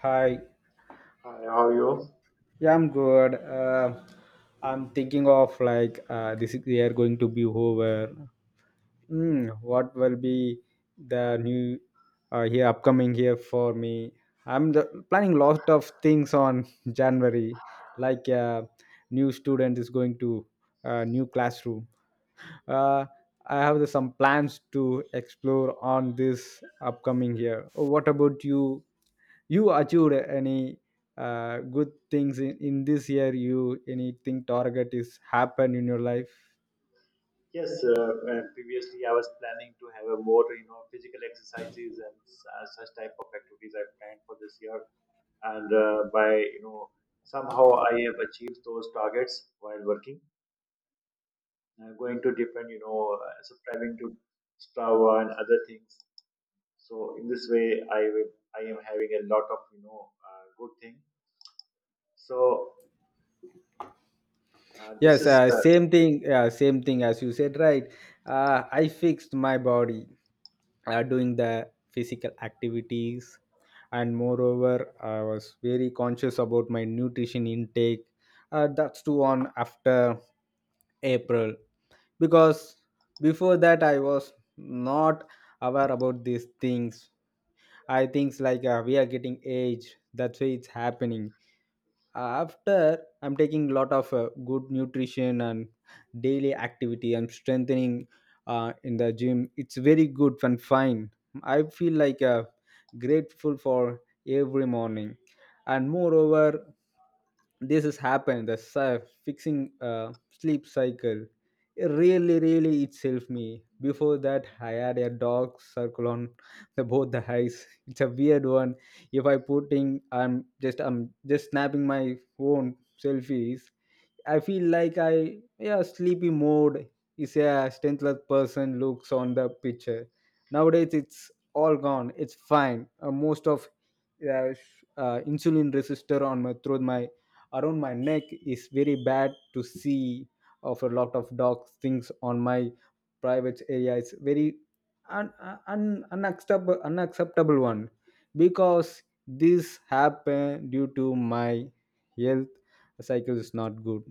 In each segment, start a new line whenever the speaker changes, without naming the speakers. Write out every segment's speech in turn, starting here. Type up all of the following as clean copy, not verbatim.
Hi,
Hi, how are you?
yeah, I'm good. I'm thinking of like this year going to be over. What will be the new here upcoming here for me? I'm planning lot of things on January, like new student is going to new classroom. Uh, I have some plans to explore on this upcoming year. Oh, what about you? You achieved any good things in this year? You anything target is happen in your life?
Yes, uh, uh, I was planning to have a more, physical exercises and type of exercise I planned for this year, and by you know, some gifts, working, uh, different, subscribing to Strava and other things. So in this way, I am having a lot of, good thing. So this
Yes,
is
same thing. Same thing as you said, right? I fixed my body doing the physical activities, and moreover, I was very conscious about my nutrition intake. That's too on after April, because before that I was not aware about these things. I think like we are getting aged. That's why it's happening after I'm taking a lot of good nutrition and daily activity and strengthening in the gym. It's very good and fine. I feel like grateful for every morning, and moreover this has happened fixing sleep cycle. It really it's helped me. Before that I had a dark circle on the both the eyes. It's a weird one. If I putting, I'm just snapping my own selfies, I feel like I yeah, sleepy mode is a strengthless person looks on the picture. Nowadays it's all gone. It's fine. Most of insulin resistor on my through my around my neck is very bad to see. Of a lot of dog things on my private area, it's very un, un, unacceptable unacceptable one, because this happened due to my health cycle is not good,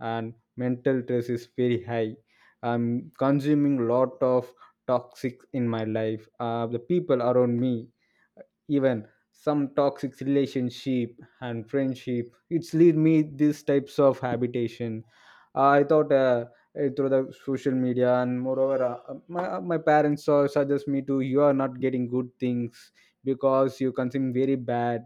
and mental stress is very high. I'm consuming lot of toxic in my life. The people around me, even some toxic relationship and friendship, it's lead me these types of habitation. I thought through the social media, and moreover my parents saw suggest me to you are not getting good things because you consume very bad.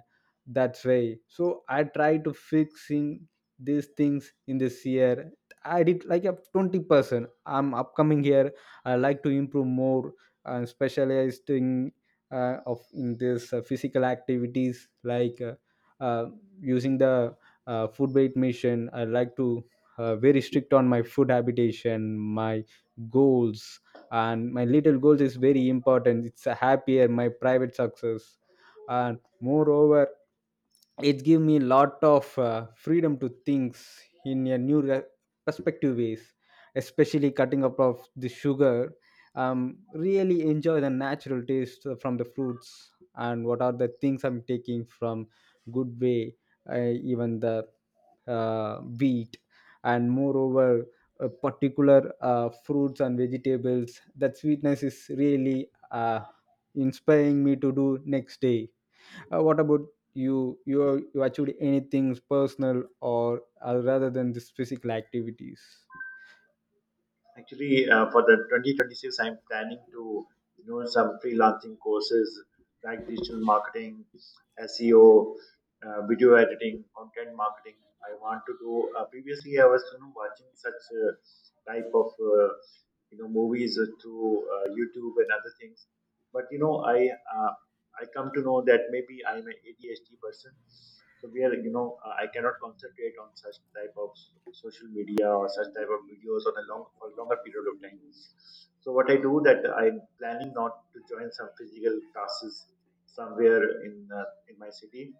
That's why, so I try to fixing these things in this year. I did like a 20%. I'm upcoming here. I like to improve more and specialized in of in this physical activities like uh, using the food weight machine. I like to very strict on my food habitation, my goals, and my little goals is very important. It's a happier my private success, and moreover it give me lot of freedom to things in a new perspective ways, especially cutting up of the sugar. Really enjoy the natural taste from the fruits and what are the things I'm taking from good way. Even the wheat, and moreover particular fruits and vegetables that sweetness is really inspiring me to do next day. What about you achieved anything personal or rather than this physical activities?
Actually, for the 2026, I'm planning to do some freelancing courses like digital marketing, SEO, video editing, content marketing. I want to do. Previously, I was watching such type of movies through YouTube and other things, but I come to know that maybe I'm an ADHD person. So where you know I cannot concentrate on such type of social media or such type of videos on a long for a longer period of time. So what I do, that I'm planning not to join some physical classes somewhere in my city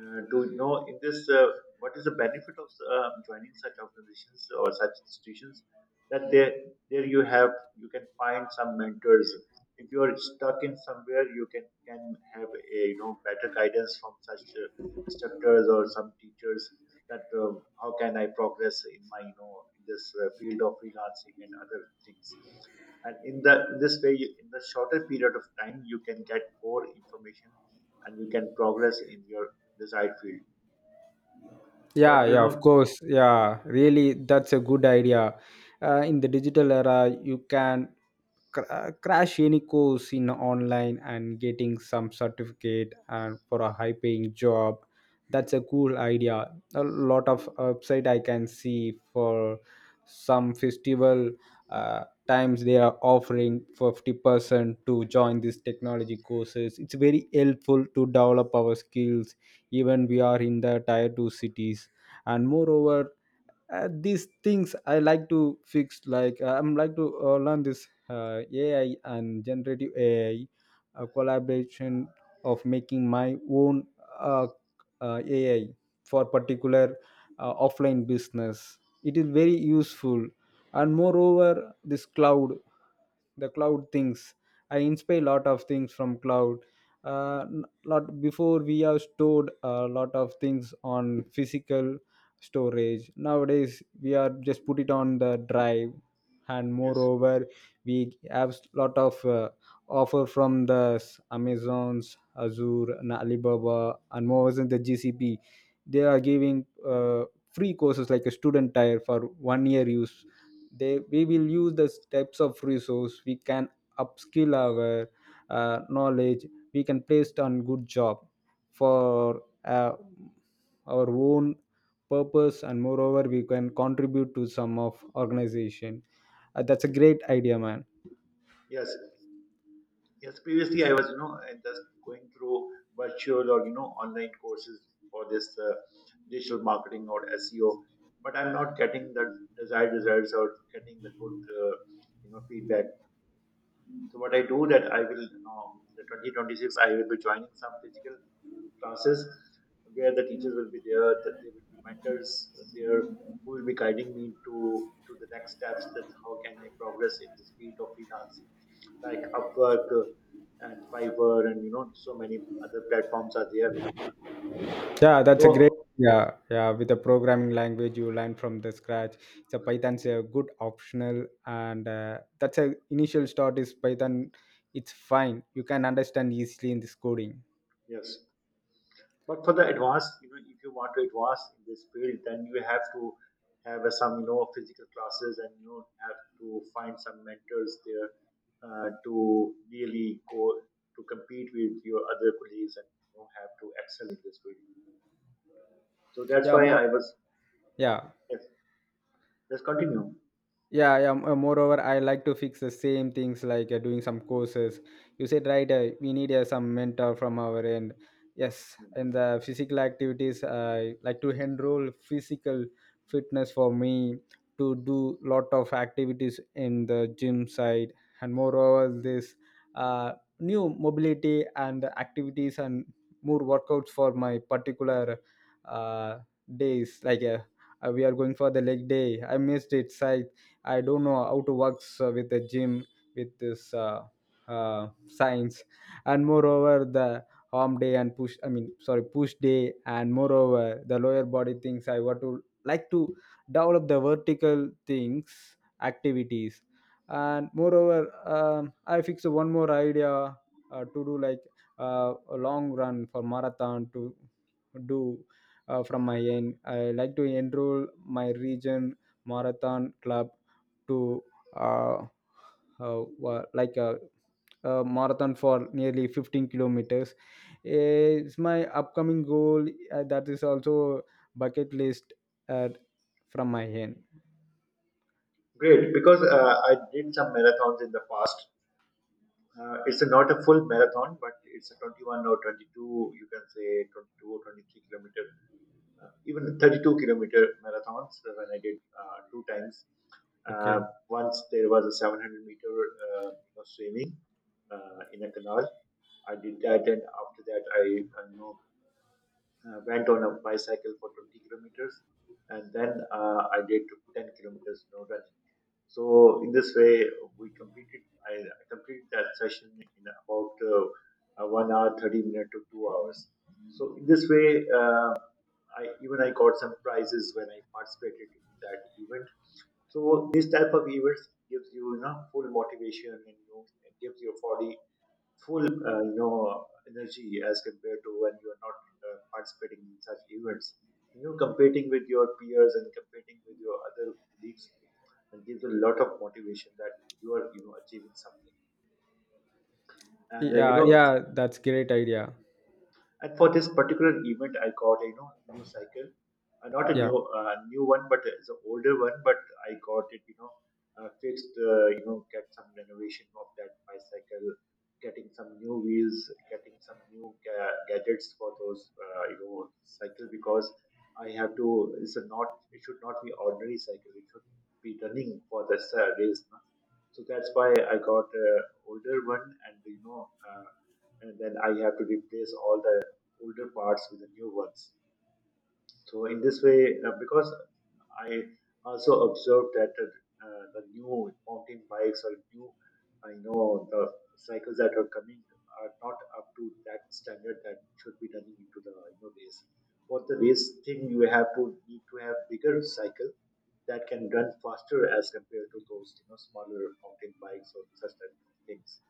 to know in this what is the benefit of joining such organizations or such institutions, that there you have, you can find some mentors. If you are stuck in somewhere, you can have a better guidance from such instructors or some teachers, that how can I progress in my in this field of freelancing and other things. And in the in this way, in the shorter period of time, you can get more information and you can progress in your desired field.
Yeah,
But you
yeah, of
know,
course. Yeah, really, that's a good idea. In the digital era, you can crash any course in online and getting some certificate and for a high paying job. That's a cool idea. A lot of website I can see for some festival times they are offering 50% to join these technology courses. It's very helpful to develop our skills, even we are in the tier 2 cities, and moreover these things I like to fix like I'm like to learn this ai and generative ai, a collaboration of making my own uh, ai for particular offline business. It is very useful, and moreover this cloud, the cloud things, I inspire a lot of things from cloud. Lot before we have stored a lot of things on physical storage. Nowadays we are just put it on the drive, and
yes,
moreover we have lot of offer from amazons, azure and alibaba and more than the gcp. They are giving free courses like a student tire for 1 year use. They we will use the types of resource. We can upskill our knowledge. We can place on good job for our own purpose, and moreover we can contribute to some of organization. That's a great idea, man.
yes, yes. Previously, I was you know and just going through virtual or online courses for this digital marketing or SEO, but I'm not getting the desired results or getting the good feedback. So what I do, that I will in the 2026 I will be joining some physical classes where the teachers will be there, that there will be mentors there who will be guiding me to the next steps, that how can I progress in this field of freelancing, like Upwork and Fiverr, and you know so many other platforms are there.
Yeah, that's a great.
So
Yeah, yeah, with a programming language you learn from the scratch, so python's a good optional, and that's a initial start is python. It's fine, you can understand easily in this coding.
yes. But for the advanced, you know, if you want to advance in this field, then you have to have some, you know, physical classes, and you have to find some mentors there to really go to compete with your other colleagues, and you know, have to excel in this field. So that's
Yeah,
why
more.
I was
Yeah,
yes. Let's continue.
yeah. Moreover I like to fix the same things like doing some courses. You said right, we need some mentor from our end. Yes,
Hmm.
and the physical activities I like to enroll physical fitness for me to do lot of activities in the gym side, and moreover this uh, new mobility and activities and more workouts for my particular uh, days like we are going for the leg day. I missed it, so I don't know how to works with a gym, with this science, and moreover the arm day and push, I mean, sorry, push day, and moreover the lower body things I want to like to develop the vertical things activities, and moreover I fix one more idea to do like a long run for marathon to do from my end. I like to enroll my region marathon club to uh, like a marathon for nearly 15 kilometers. It's my upcoming goal. That is also bucket list uh, from my end.
Great, because I did some marathons in the past. It's a, not a full marathon, but it's a 21 or 22, you can say 22 or 23 kilometers, even 32-kilometer marathons when I did two times. Uh,
Okay.
Once there was a 700 meter swimming in a canal. I did that, and after that, I went on a bicycle for 20 kilometers, and then I did 10 kilometers, you know, running. So in this way, we completed. I completed that session in about 1 hour, 30 minutes to 2 hours. So in this way, I, even I got some prizes when I participated in that event. So this type of events gives you, you know, full motivation, and you know, it gives your body full, energy as compared to when you are not participating in such events. You know, competing with your peers and competing with your other colleagues, and gives a lot of motivation that you are, you know, achieving something. And uh, you
Yeah,
know,
yeah, that's great idea.
And for this particular event, I got a you know new cycle, not a
Yeah,
new new one, but it's an older one. But I got it, you know, fixed. Get some renovation of that bicycle, getting some new wheels, getting some new gadgets for those cycle, because I have to. It's a not. It should not be ordinary cycle. It should be running for the race. No? So that's why I got a older one, and you know, and then I have to replace all the older parts with the new ones. So in this way, because I also observed that the new mountain bikes or new, I know the cycles that are coming are not up to that standard that should be done into the you know race. For the race thing, you have to need to have bigger cycle that can run faster as compared to those you know smaller mountain bikes or such type of things.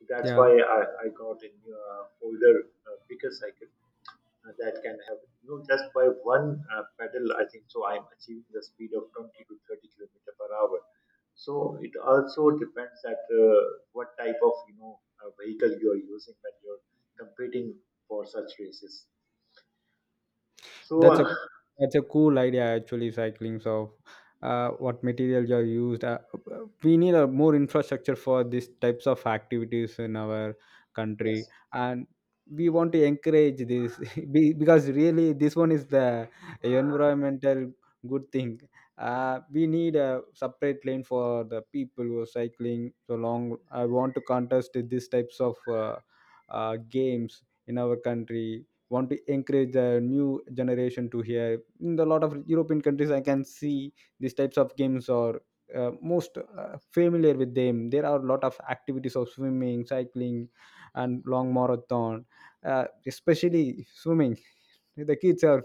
So that's
yeah.
why I got a new, older, bigger cycle that can have you know just by one pedal. I think so, I'm achieving the speed of 20 to 30 kilometer per hour. So it also depends that what type of vehicle you are using when you're competing for such races. so
That's
uh,
a cool idea actually. Cycling of what materials are used. We need a more infrastructure for these types of activities in our country,
yes.
and we want to encourage this because really this one is the environmental good thing. We need a separate lane for the people who are cycling. So long, I want to contest these types of games in our country, want to encourage the new generation to hear. In a lot of european countries I can see these types of games are most familiar with them. There are a lot of activities of swimming, cycling and long marathon, especially swimming. The kids are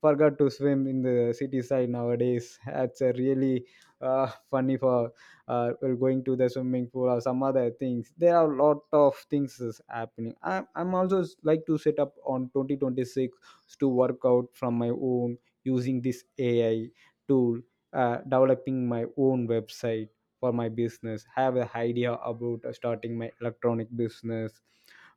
forgot to swim in the city side nowadays. That's a really funny for well, going to the swimming pool or some other things. There are a lot of things is happening. I, I'm also s- like to set up on 2026 to work out from my own using this ai tool, developing my own website for my business. Have an idea about starting my electronic business,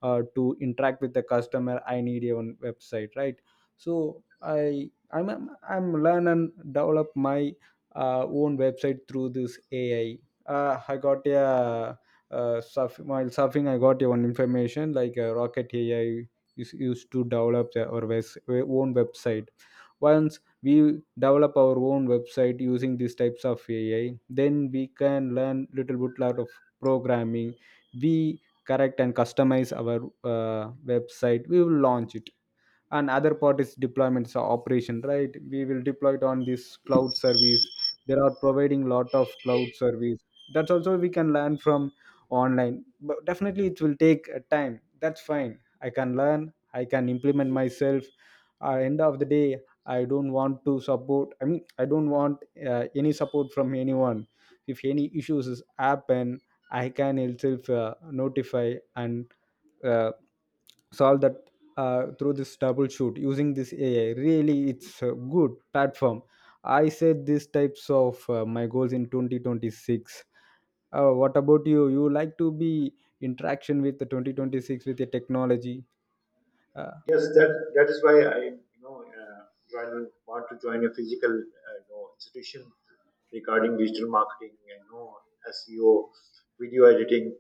to interact with the customer. I need a own website, right? So I'm learn and develop my own website through this ai. I got a while surfing, I got a one information like Rocket AI is used to develop our own website. Once we develop our own website using these types of AI, then we can learn little bit lot of programming. We correct and customize our website. We will launch it, and other part is deployments or operation, right? We will deploy it on this cloud service. There are providing lot of cloud service. That's also we can learn from online, but definitely it will take time. That's fine, I can learn, I can implement myself. End of the day, I don't want to support, I mean, I don't want any support from anyone. If any issues is happen, I can itself notify and uh, solve that through this double shoot using this AI. Really, it's a good platform. I said these types of my goals in 2026. What about you? You like to be interaction with the 2026 with the technology? Uh,
Yes that that is why I you know uh, join, want to join a physical institution regarding digital marketing, you know, SEO, video editing.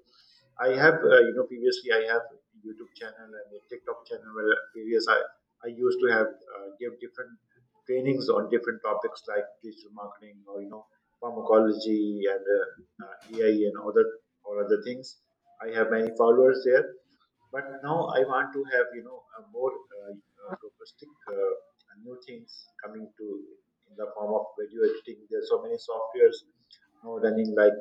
I have, previously I have a YouTube channel and a TikTok channel where I used to have give different trainings on different topics like digital marketing or you know pharmacology and AI and other things. I have many followers there, but now I want to have you know a more robustic new things coming to in the form of video editing. There are so many softwares now running like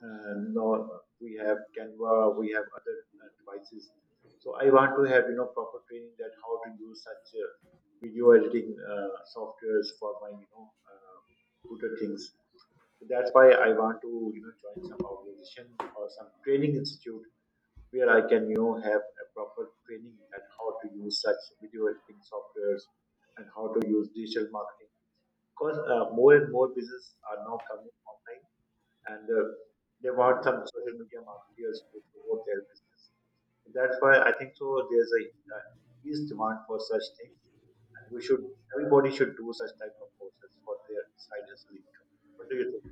and you we have Canva, we have other devices. So I want to have you know proper training, that how to use such video editing softwares for my good things. So that's why I want to you know join some organization or some training institute where I can you know have a proper training at how to use such video editing softwares and how to use digital marketing. Because more and more businesses are now coming online, and they want some social media marketers to promote their business. That's why I think so. There's a uh, huge demand for such things, and we should, everybody should do such type of courses for their side hustle income. What do you think?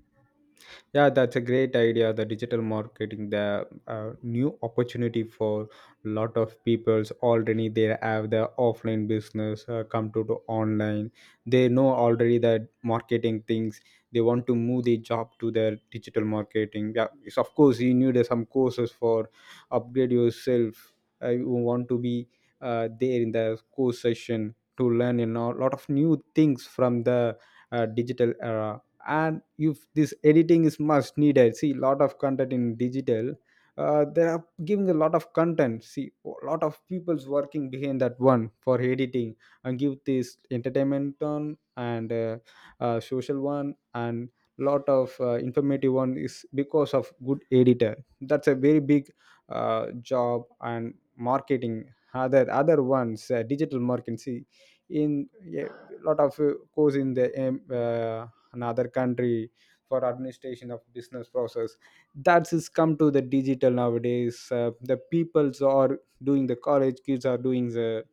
Yeah, that's a great idea. The digital marketing, the new opportunity for lot of peoples already. They have the offline business come to the online. They know already the marketing things. They want to move the job to their digital marketing. Yeah, it's, of course you need some courses for upgrade yourself. You want to be there in the course session to learn, you know, a lot of new things from the digital era. And if this editing is must needed, see lot of content in digital. They are giving a lot of content, see a lot of people's working behind that one for editing and give this entertainment one, and social one, and lot of informative one is because of good editor. That's a very big job. And marketing, other ones, digital marketing, see, in a lot of course in the another country for administration of business process, that is come to the digital nowadays. The peoples are doing, the college kids are doing the,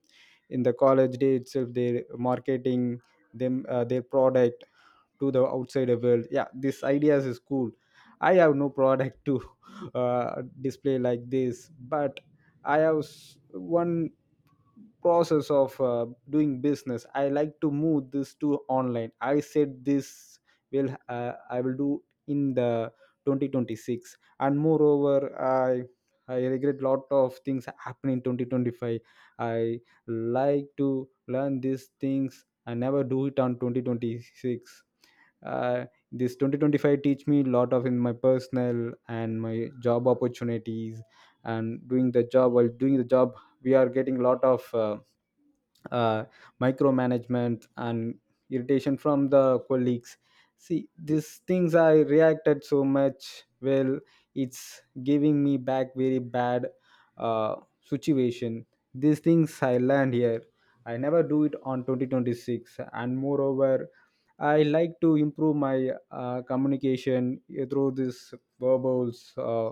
in the college day itself, their marketing them, their product to the outside world. Yeah, this ideas is cool. I have no product to display like this, but I have one process of doing business. I like to move this to online. I said this will, I will do in the 2026. And moreover, i I regret lot of things happen in 2025. I like to learn these things, I never do it on 2026. uh, this 2025 teach me a lot of in my personal and my job opportunities. And doing the job, while doing the job we are getting a lot of uh, micromanagement and irritation from the colleagues. See, these things I reacted so much. Well, it's giving me back very bad uh, situation. These things I learned here, I never do it on 2026. And moreover, I like to improve my communication through this verbals,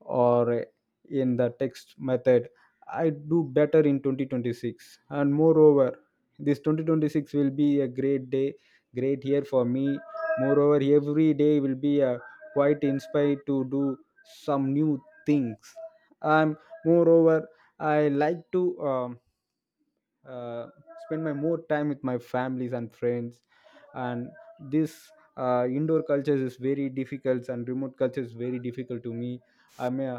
or in the text method. I do better in 2026. And moreover, this 2026 will be a great day, great year for me. Moreover, every day will be a quite inspired to do some new things. And moreover, I like to uh, spend my more time with my families and friends. And this indoor culture is very difficult, and remote culture is very difficult to me. I mean,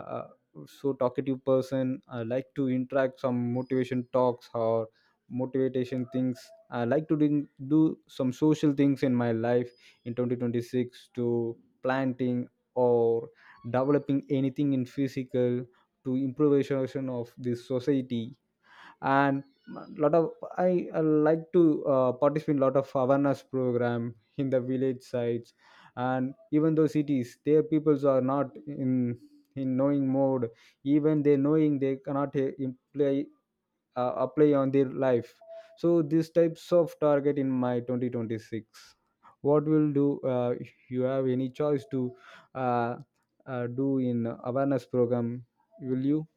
so talkative person, I like to interact some motivation talks or motivation things. I like to do some social things in my life in 2026, to planting or developing anything in physical to improvisation of this society. And lot of, I like to participate in lot of awareness program in the village sites. And even though cities, their peoples are not in, in knowing mode. Even they knowing, they cannot imply, apply on their life. So these types of target in my 2026. What will do, you have any choice to uh, do in awareness program, will you?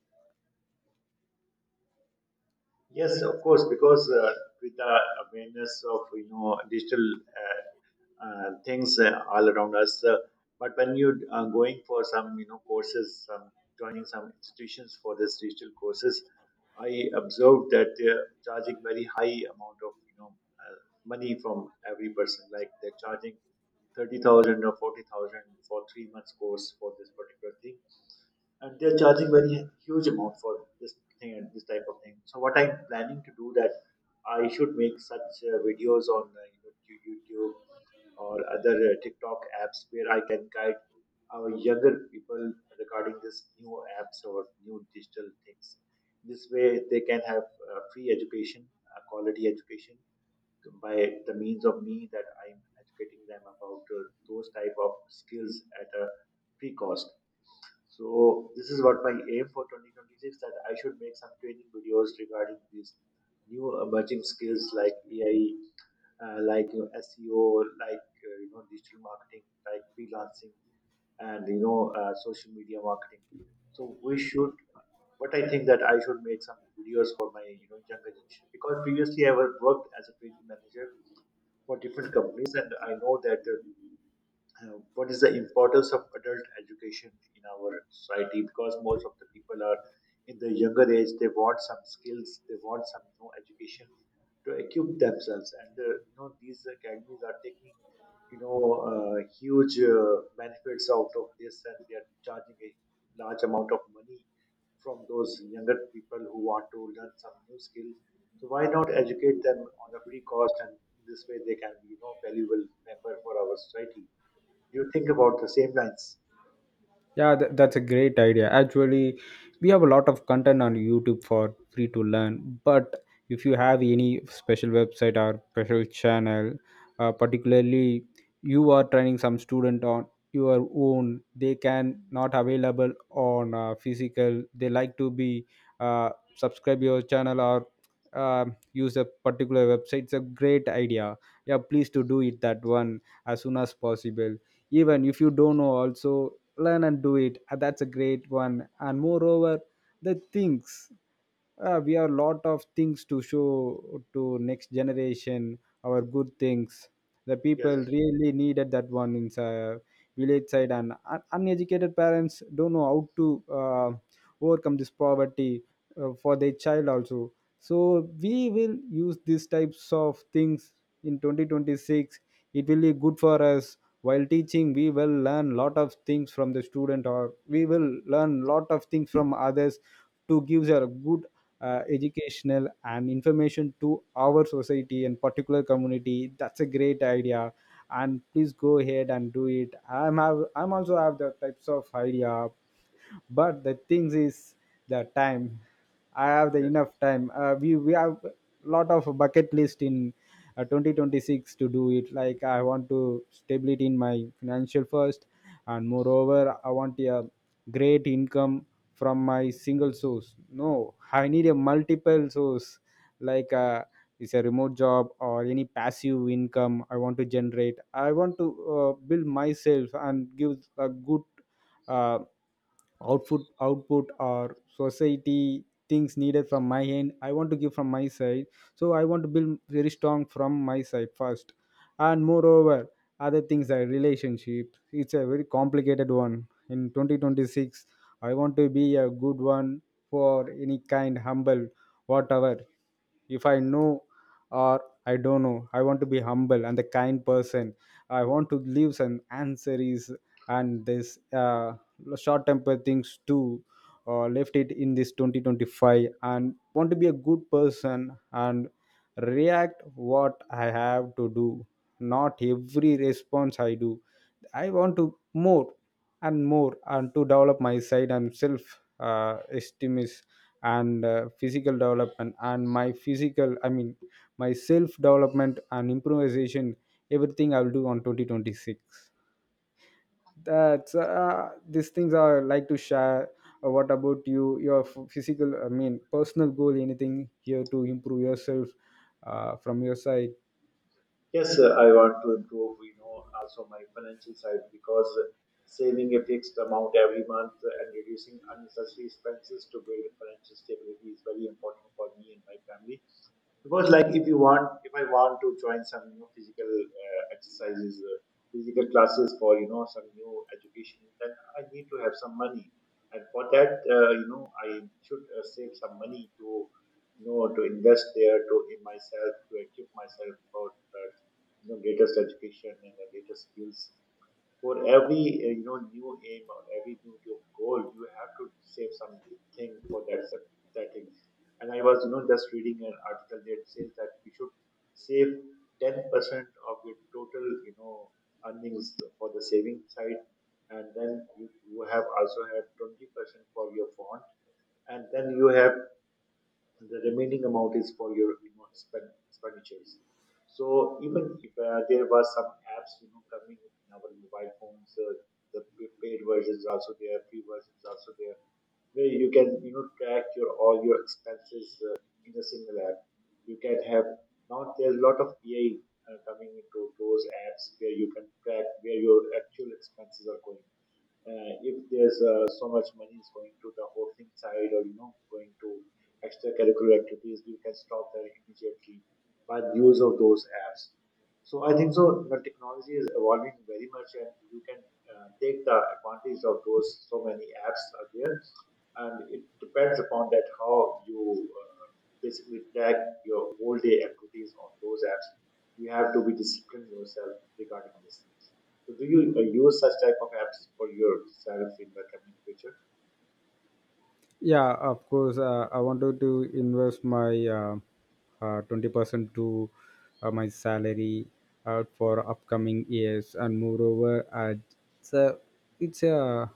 Yes, of course, because with the awareness of you know digital uh, things all around us. But when you're going for some, you know, courses, some joining some institutions for this digital courses, I observed that they're charging very high amount of, you know, money from every person. Like they're charging 30,000 or 40,000 for 3 months course for this particular thing, and they're charging very huge amount for this thing and this type of thing. So what I'm planning to do, that I should make such videos on YouTube or other TikTok apps where I can guide our younger people regarding these new apps or new digital things. This way, they can have free education, quality education by the means of me, that I'm educating them about those type of skills at a free cost. So this is what my aim for 2026, that I should make some training videos regarding these new emerging skills like AI, like you know, SEO, like digital marketing, like freelancing, and you know social media marketing. So we should, but I think that I should make some videos for my you know younger generation, because previously I was worked as a training manager for different companies, and I know that what is the importance of adult education in our society, because most of the people are in the younger age, they want some skills, they want some you know education to equip themselves, and you know these academies are taking you know huge benefits out of this, and they are charging a large amount of money from those younger people who want to learn some new skill. So why not educate them on a free cost, and in this way they can be you know valuable member for our society. You think about the same lines.
Yeah, that's a great idea. Actually, we have a lot of content on YouTube for free to learn. But if you have any special website or special channel, particularly you are training some student on your own, they can not available on physical. They like to be uh, subscribe your channel or use a particular website. It's a great idea. Yeah, please to do it that one as soon as possible, even if you don't know also learn and do it. That's a great one. And moreover, the things, we have a lot of things to show to next generation, our good things. The
Yes,
people really needed that one in village side. And uneducated parents don't know how to overcome this poverty for their child also. So we will use these types of things in 2026, it will be good for us. While teaching we will learn lot of things from the student, or we will learn lot of things from others, to give a good educational and information to our society and particular community. That's a great idea, and please go ahead and do it. I'm have, I'm also have the types of idea, but the things is the time. I have the
yes.
enough time, uh, we have lot of bucket list in 2026 to do it. Like I want to stability in my financial first. And moreover, I want a great income from my single source. No, I need a multiple source, like, it's a remote job or any passive income I want to generate. I want to build myself and give a good uh, output or society things needed from my end, I want to give from my side. So I want to build very strong from my side first. And moreover, other things like relationship, it's a very complicated one in 2026. I want to be a good one for any kind, humble, whatever. If I know or I don't know, I want to be humble and the kind person. I want to leave some answers. And this short temper things too, left it in this 2025, and want to be a good person and react what I have to do, not every response I do. I want to more and more, and to develop my side and self esteem is, and physical development, and my physical I mean, my self development and improvisation, everything I'll do on 2026. That's these things are like to share. What about you, your physical I mean personal goal, anything here to improve yourself from your side?
Yes, I want to improve, you know, also my financial side, because saving a fixed amount every month and reducing unnecessary expenses to build financial stability is very important for me and my family. Because like if I want to join some, you know, physical exercises, physical classes for, you know, some new education, then I need to have some money. And for that, I should save some money to, you know, to invest there to in myself, to equip myself for the, you know, latest education and the latest skills. For every new aim or every new goal, you have to save something for that. And I was, just reading an article that says that we should save 10% of your total, earnings for the saving side. And then you have also have 20% for your fund, and then you have, and the remaining amount is for your, you know, spend expenditures. So even if there were some apps, you know, coming in our mobile phones, the paid versions also there, free versions also there, where you can, you know, track your all your expenses in a single app you can have. Now there's a lot of AI coming into those apps, where you can track where your actual expenses are going. If there's so much money is going to the hosting side, or you know, going to extracurricular activities, you can stop that immediately by the use of those apps. So I think so the technology is evolving very much, and you can take the advantage of those. So many apps are there, and it depends upon that how you basically track your whole day activities on those apps. You have to be disciplined yourself regarding this. So do you use such type of apps for yourself in the coming future?
Yeah, of course. I wanted to invest my 20% to my salary for upcoming years. And moreover, it's a it's a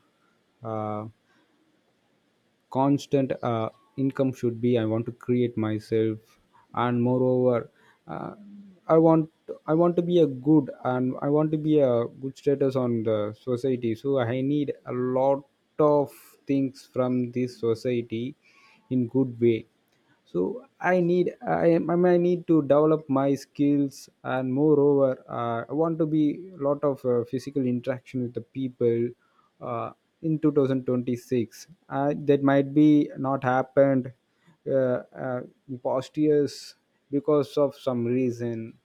uh, constant income should be, I want to create myself. And moreover, uh, i want I want to be a good, and I want to be a good status on the society. So I need a lot of things from this society in good way. So I need I mean, need to develop my skills. And moreover, I want to be a lot of physical interaction with the people uh, in 2026. That might be not happened uh, uh, in past years, because of some reason.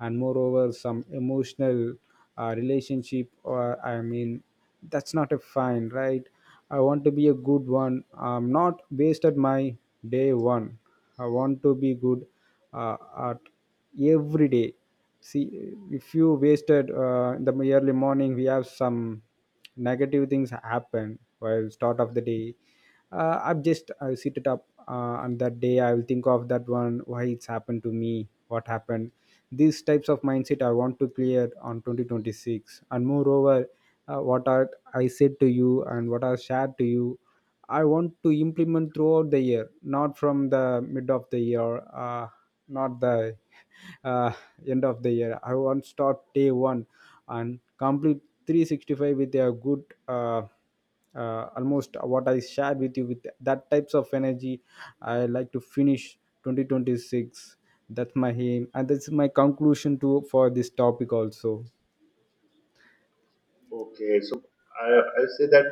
And moreover, some emotional relationship, or I mean, that's not a fine, right? I want to be a good one. I'm not based at my day one, I want to be good uh, at every day. See, if you wasted in the early morning we have some negative things happen while start of the day, I have just I sit it up, and that day I will think of that one, why it's happened to me, what happened. These types of mindset I want to clear on 2026. And moreover, what are I said to you and what I shared to you, I want to implement throughout the year, not from the mid of the year, not the uh, end of the year. I want to start day one and complete 365 with a good, almost what I shared with you with that types of energy. I like to finish 2026. That's my aim, and that's my conclusion to for this topic also.
Okay, so i I say that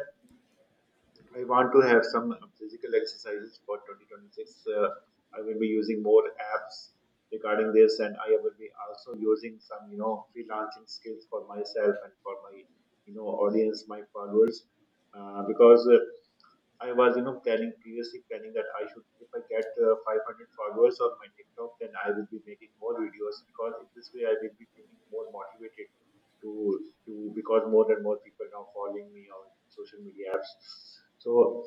I want to have some physical exercises for 2026. Uh, I will be using more apps regarding this, and I will be also using some, you know, freelancing skills for myself and for my, you know, audience, my followers, because I was, planning previously planning that I should, if I get 500 followers on my TikTok, then I will be making more videos, because in this way I will be feeling more motivated to do, because more and more people now following me on social media apps. So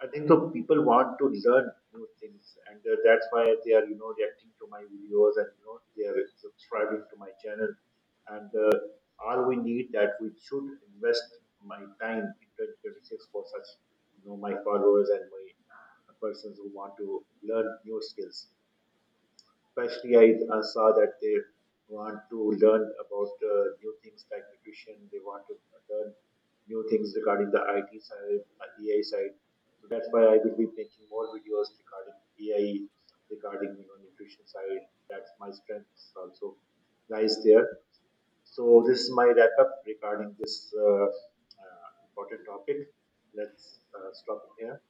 I think so people want to learn new things, and that's why they are, you know, reacting to my videos, and you know, they are subscribing to my channel. And all we need that we should invest my time in 2026 for such, you know, my followers and my persons who want to learn new skills. Especially, I saw that they want to learn about new things like nutrition. They want to learn new things regarding the IT side, AI side. So that's why I will be making more videos regarding AI, regarding, you know, nutrition side. That's my strength also lies there. So this is my wrap up regarding this important topic. Let's stop it here.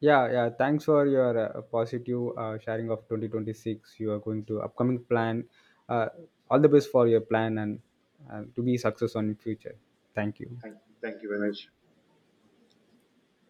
Yeah, yeah. Thanks for your positive sharing of 2026. You are going to upcoming plan. Uh, all the best for your plan, and to be success on in future. Thank you.
Thank, thank you very much.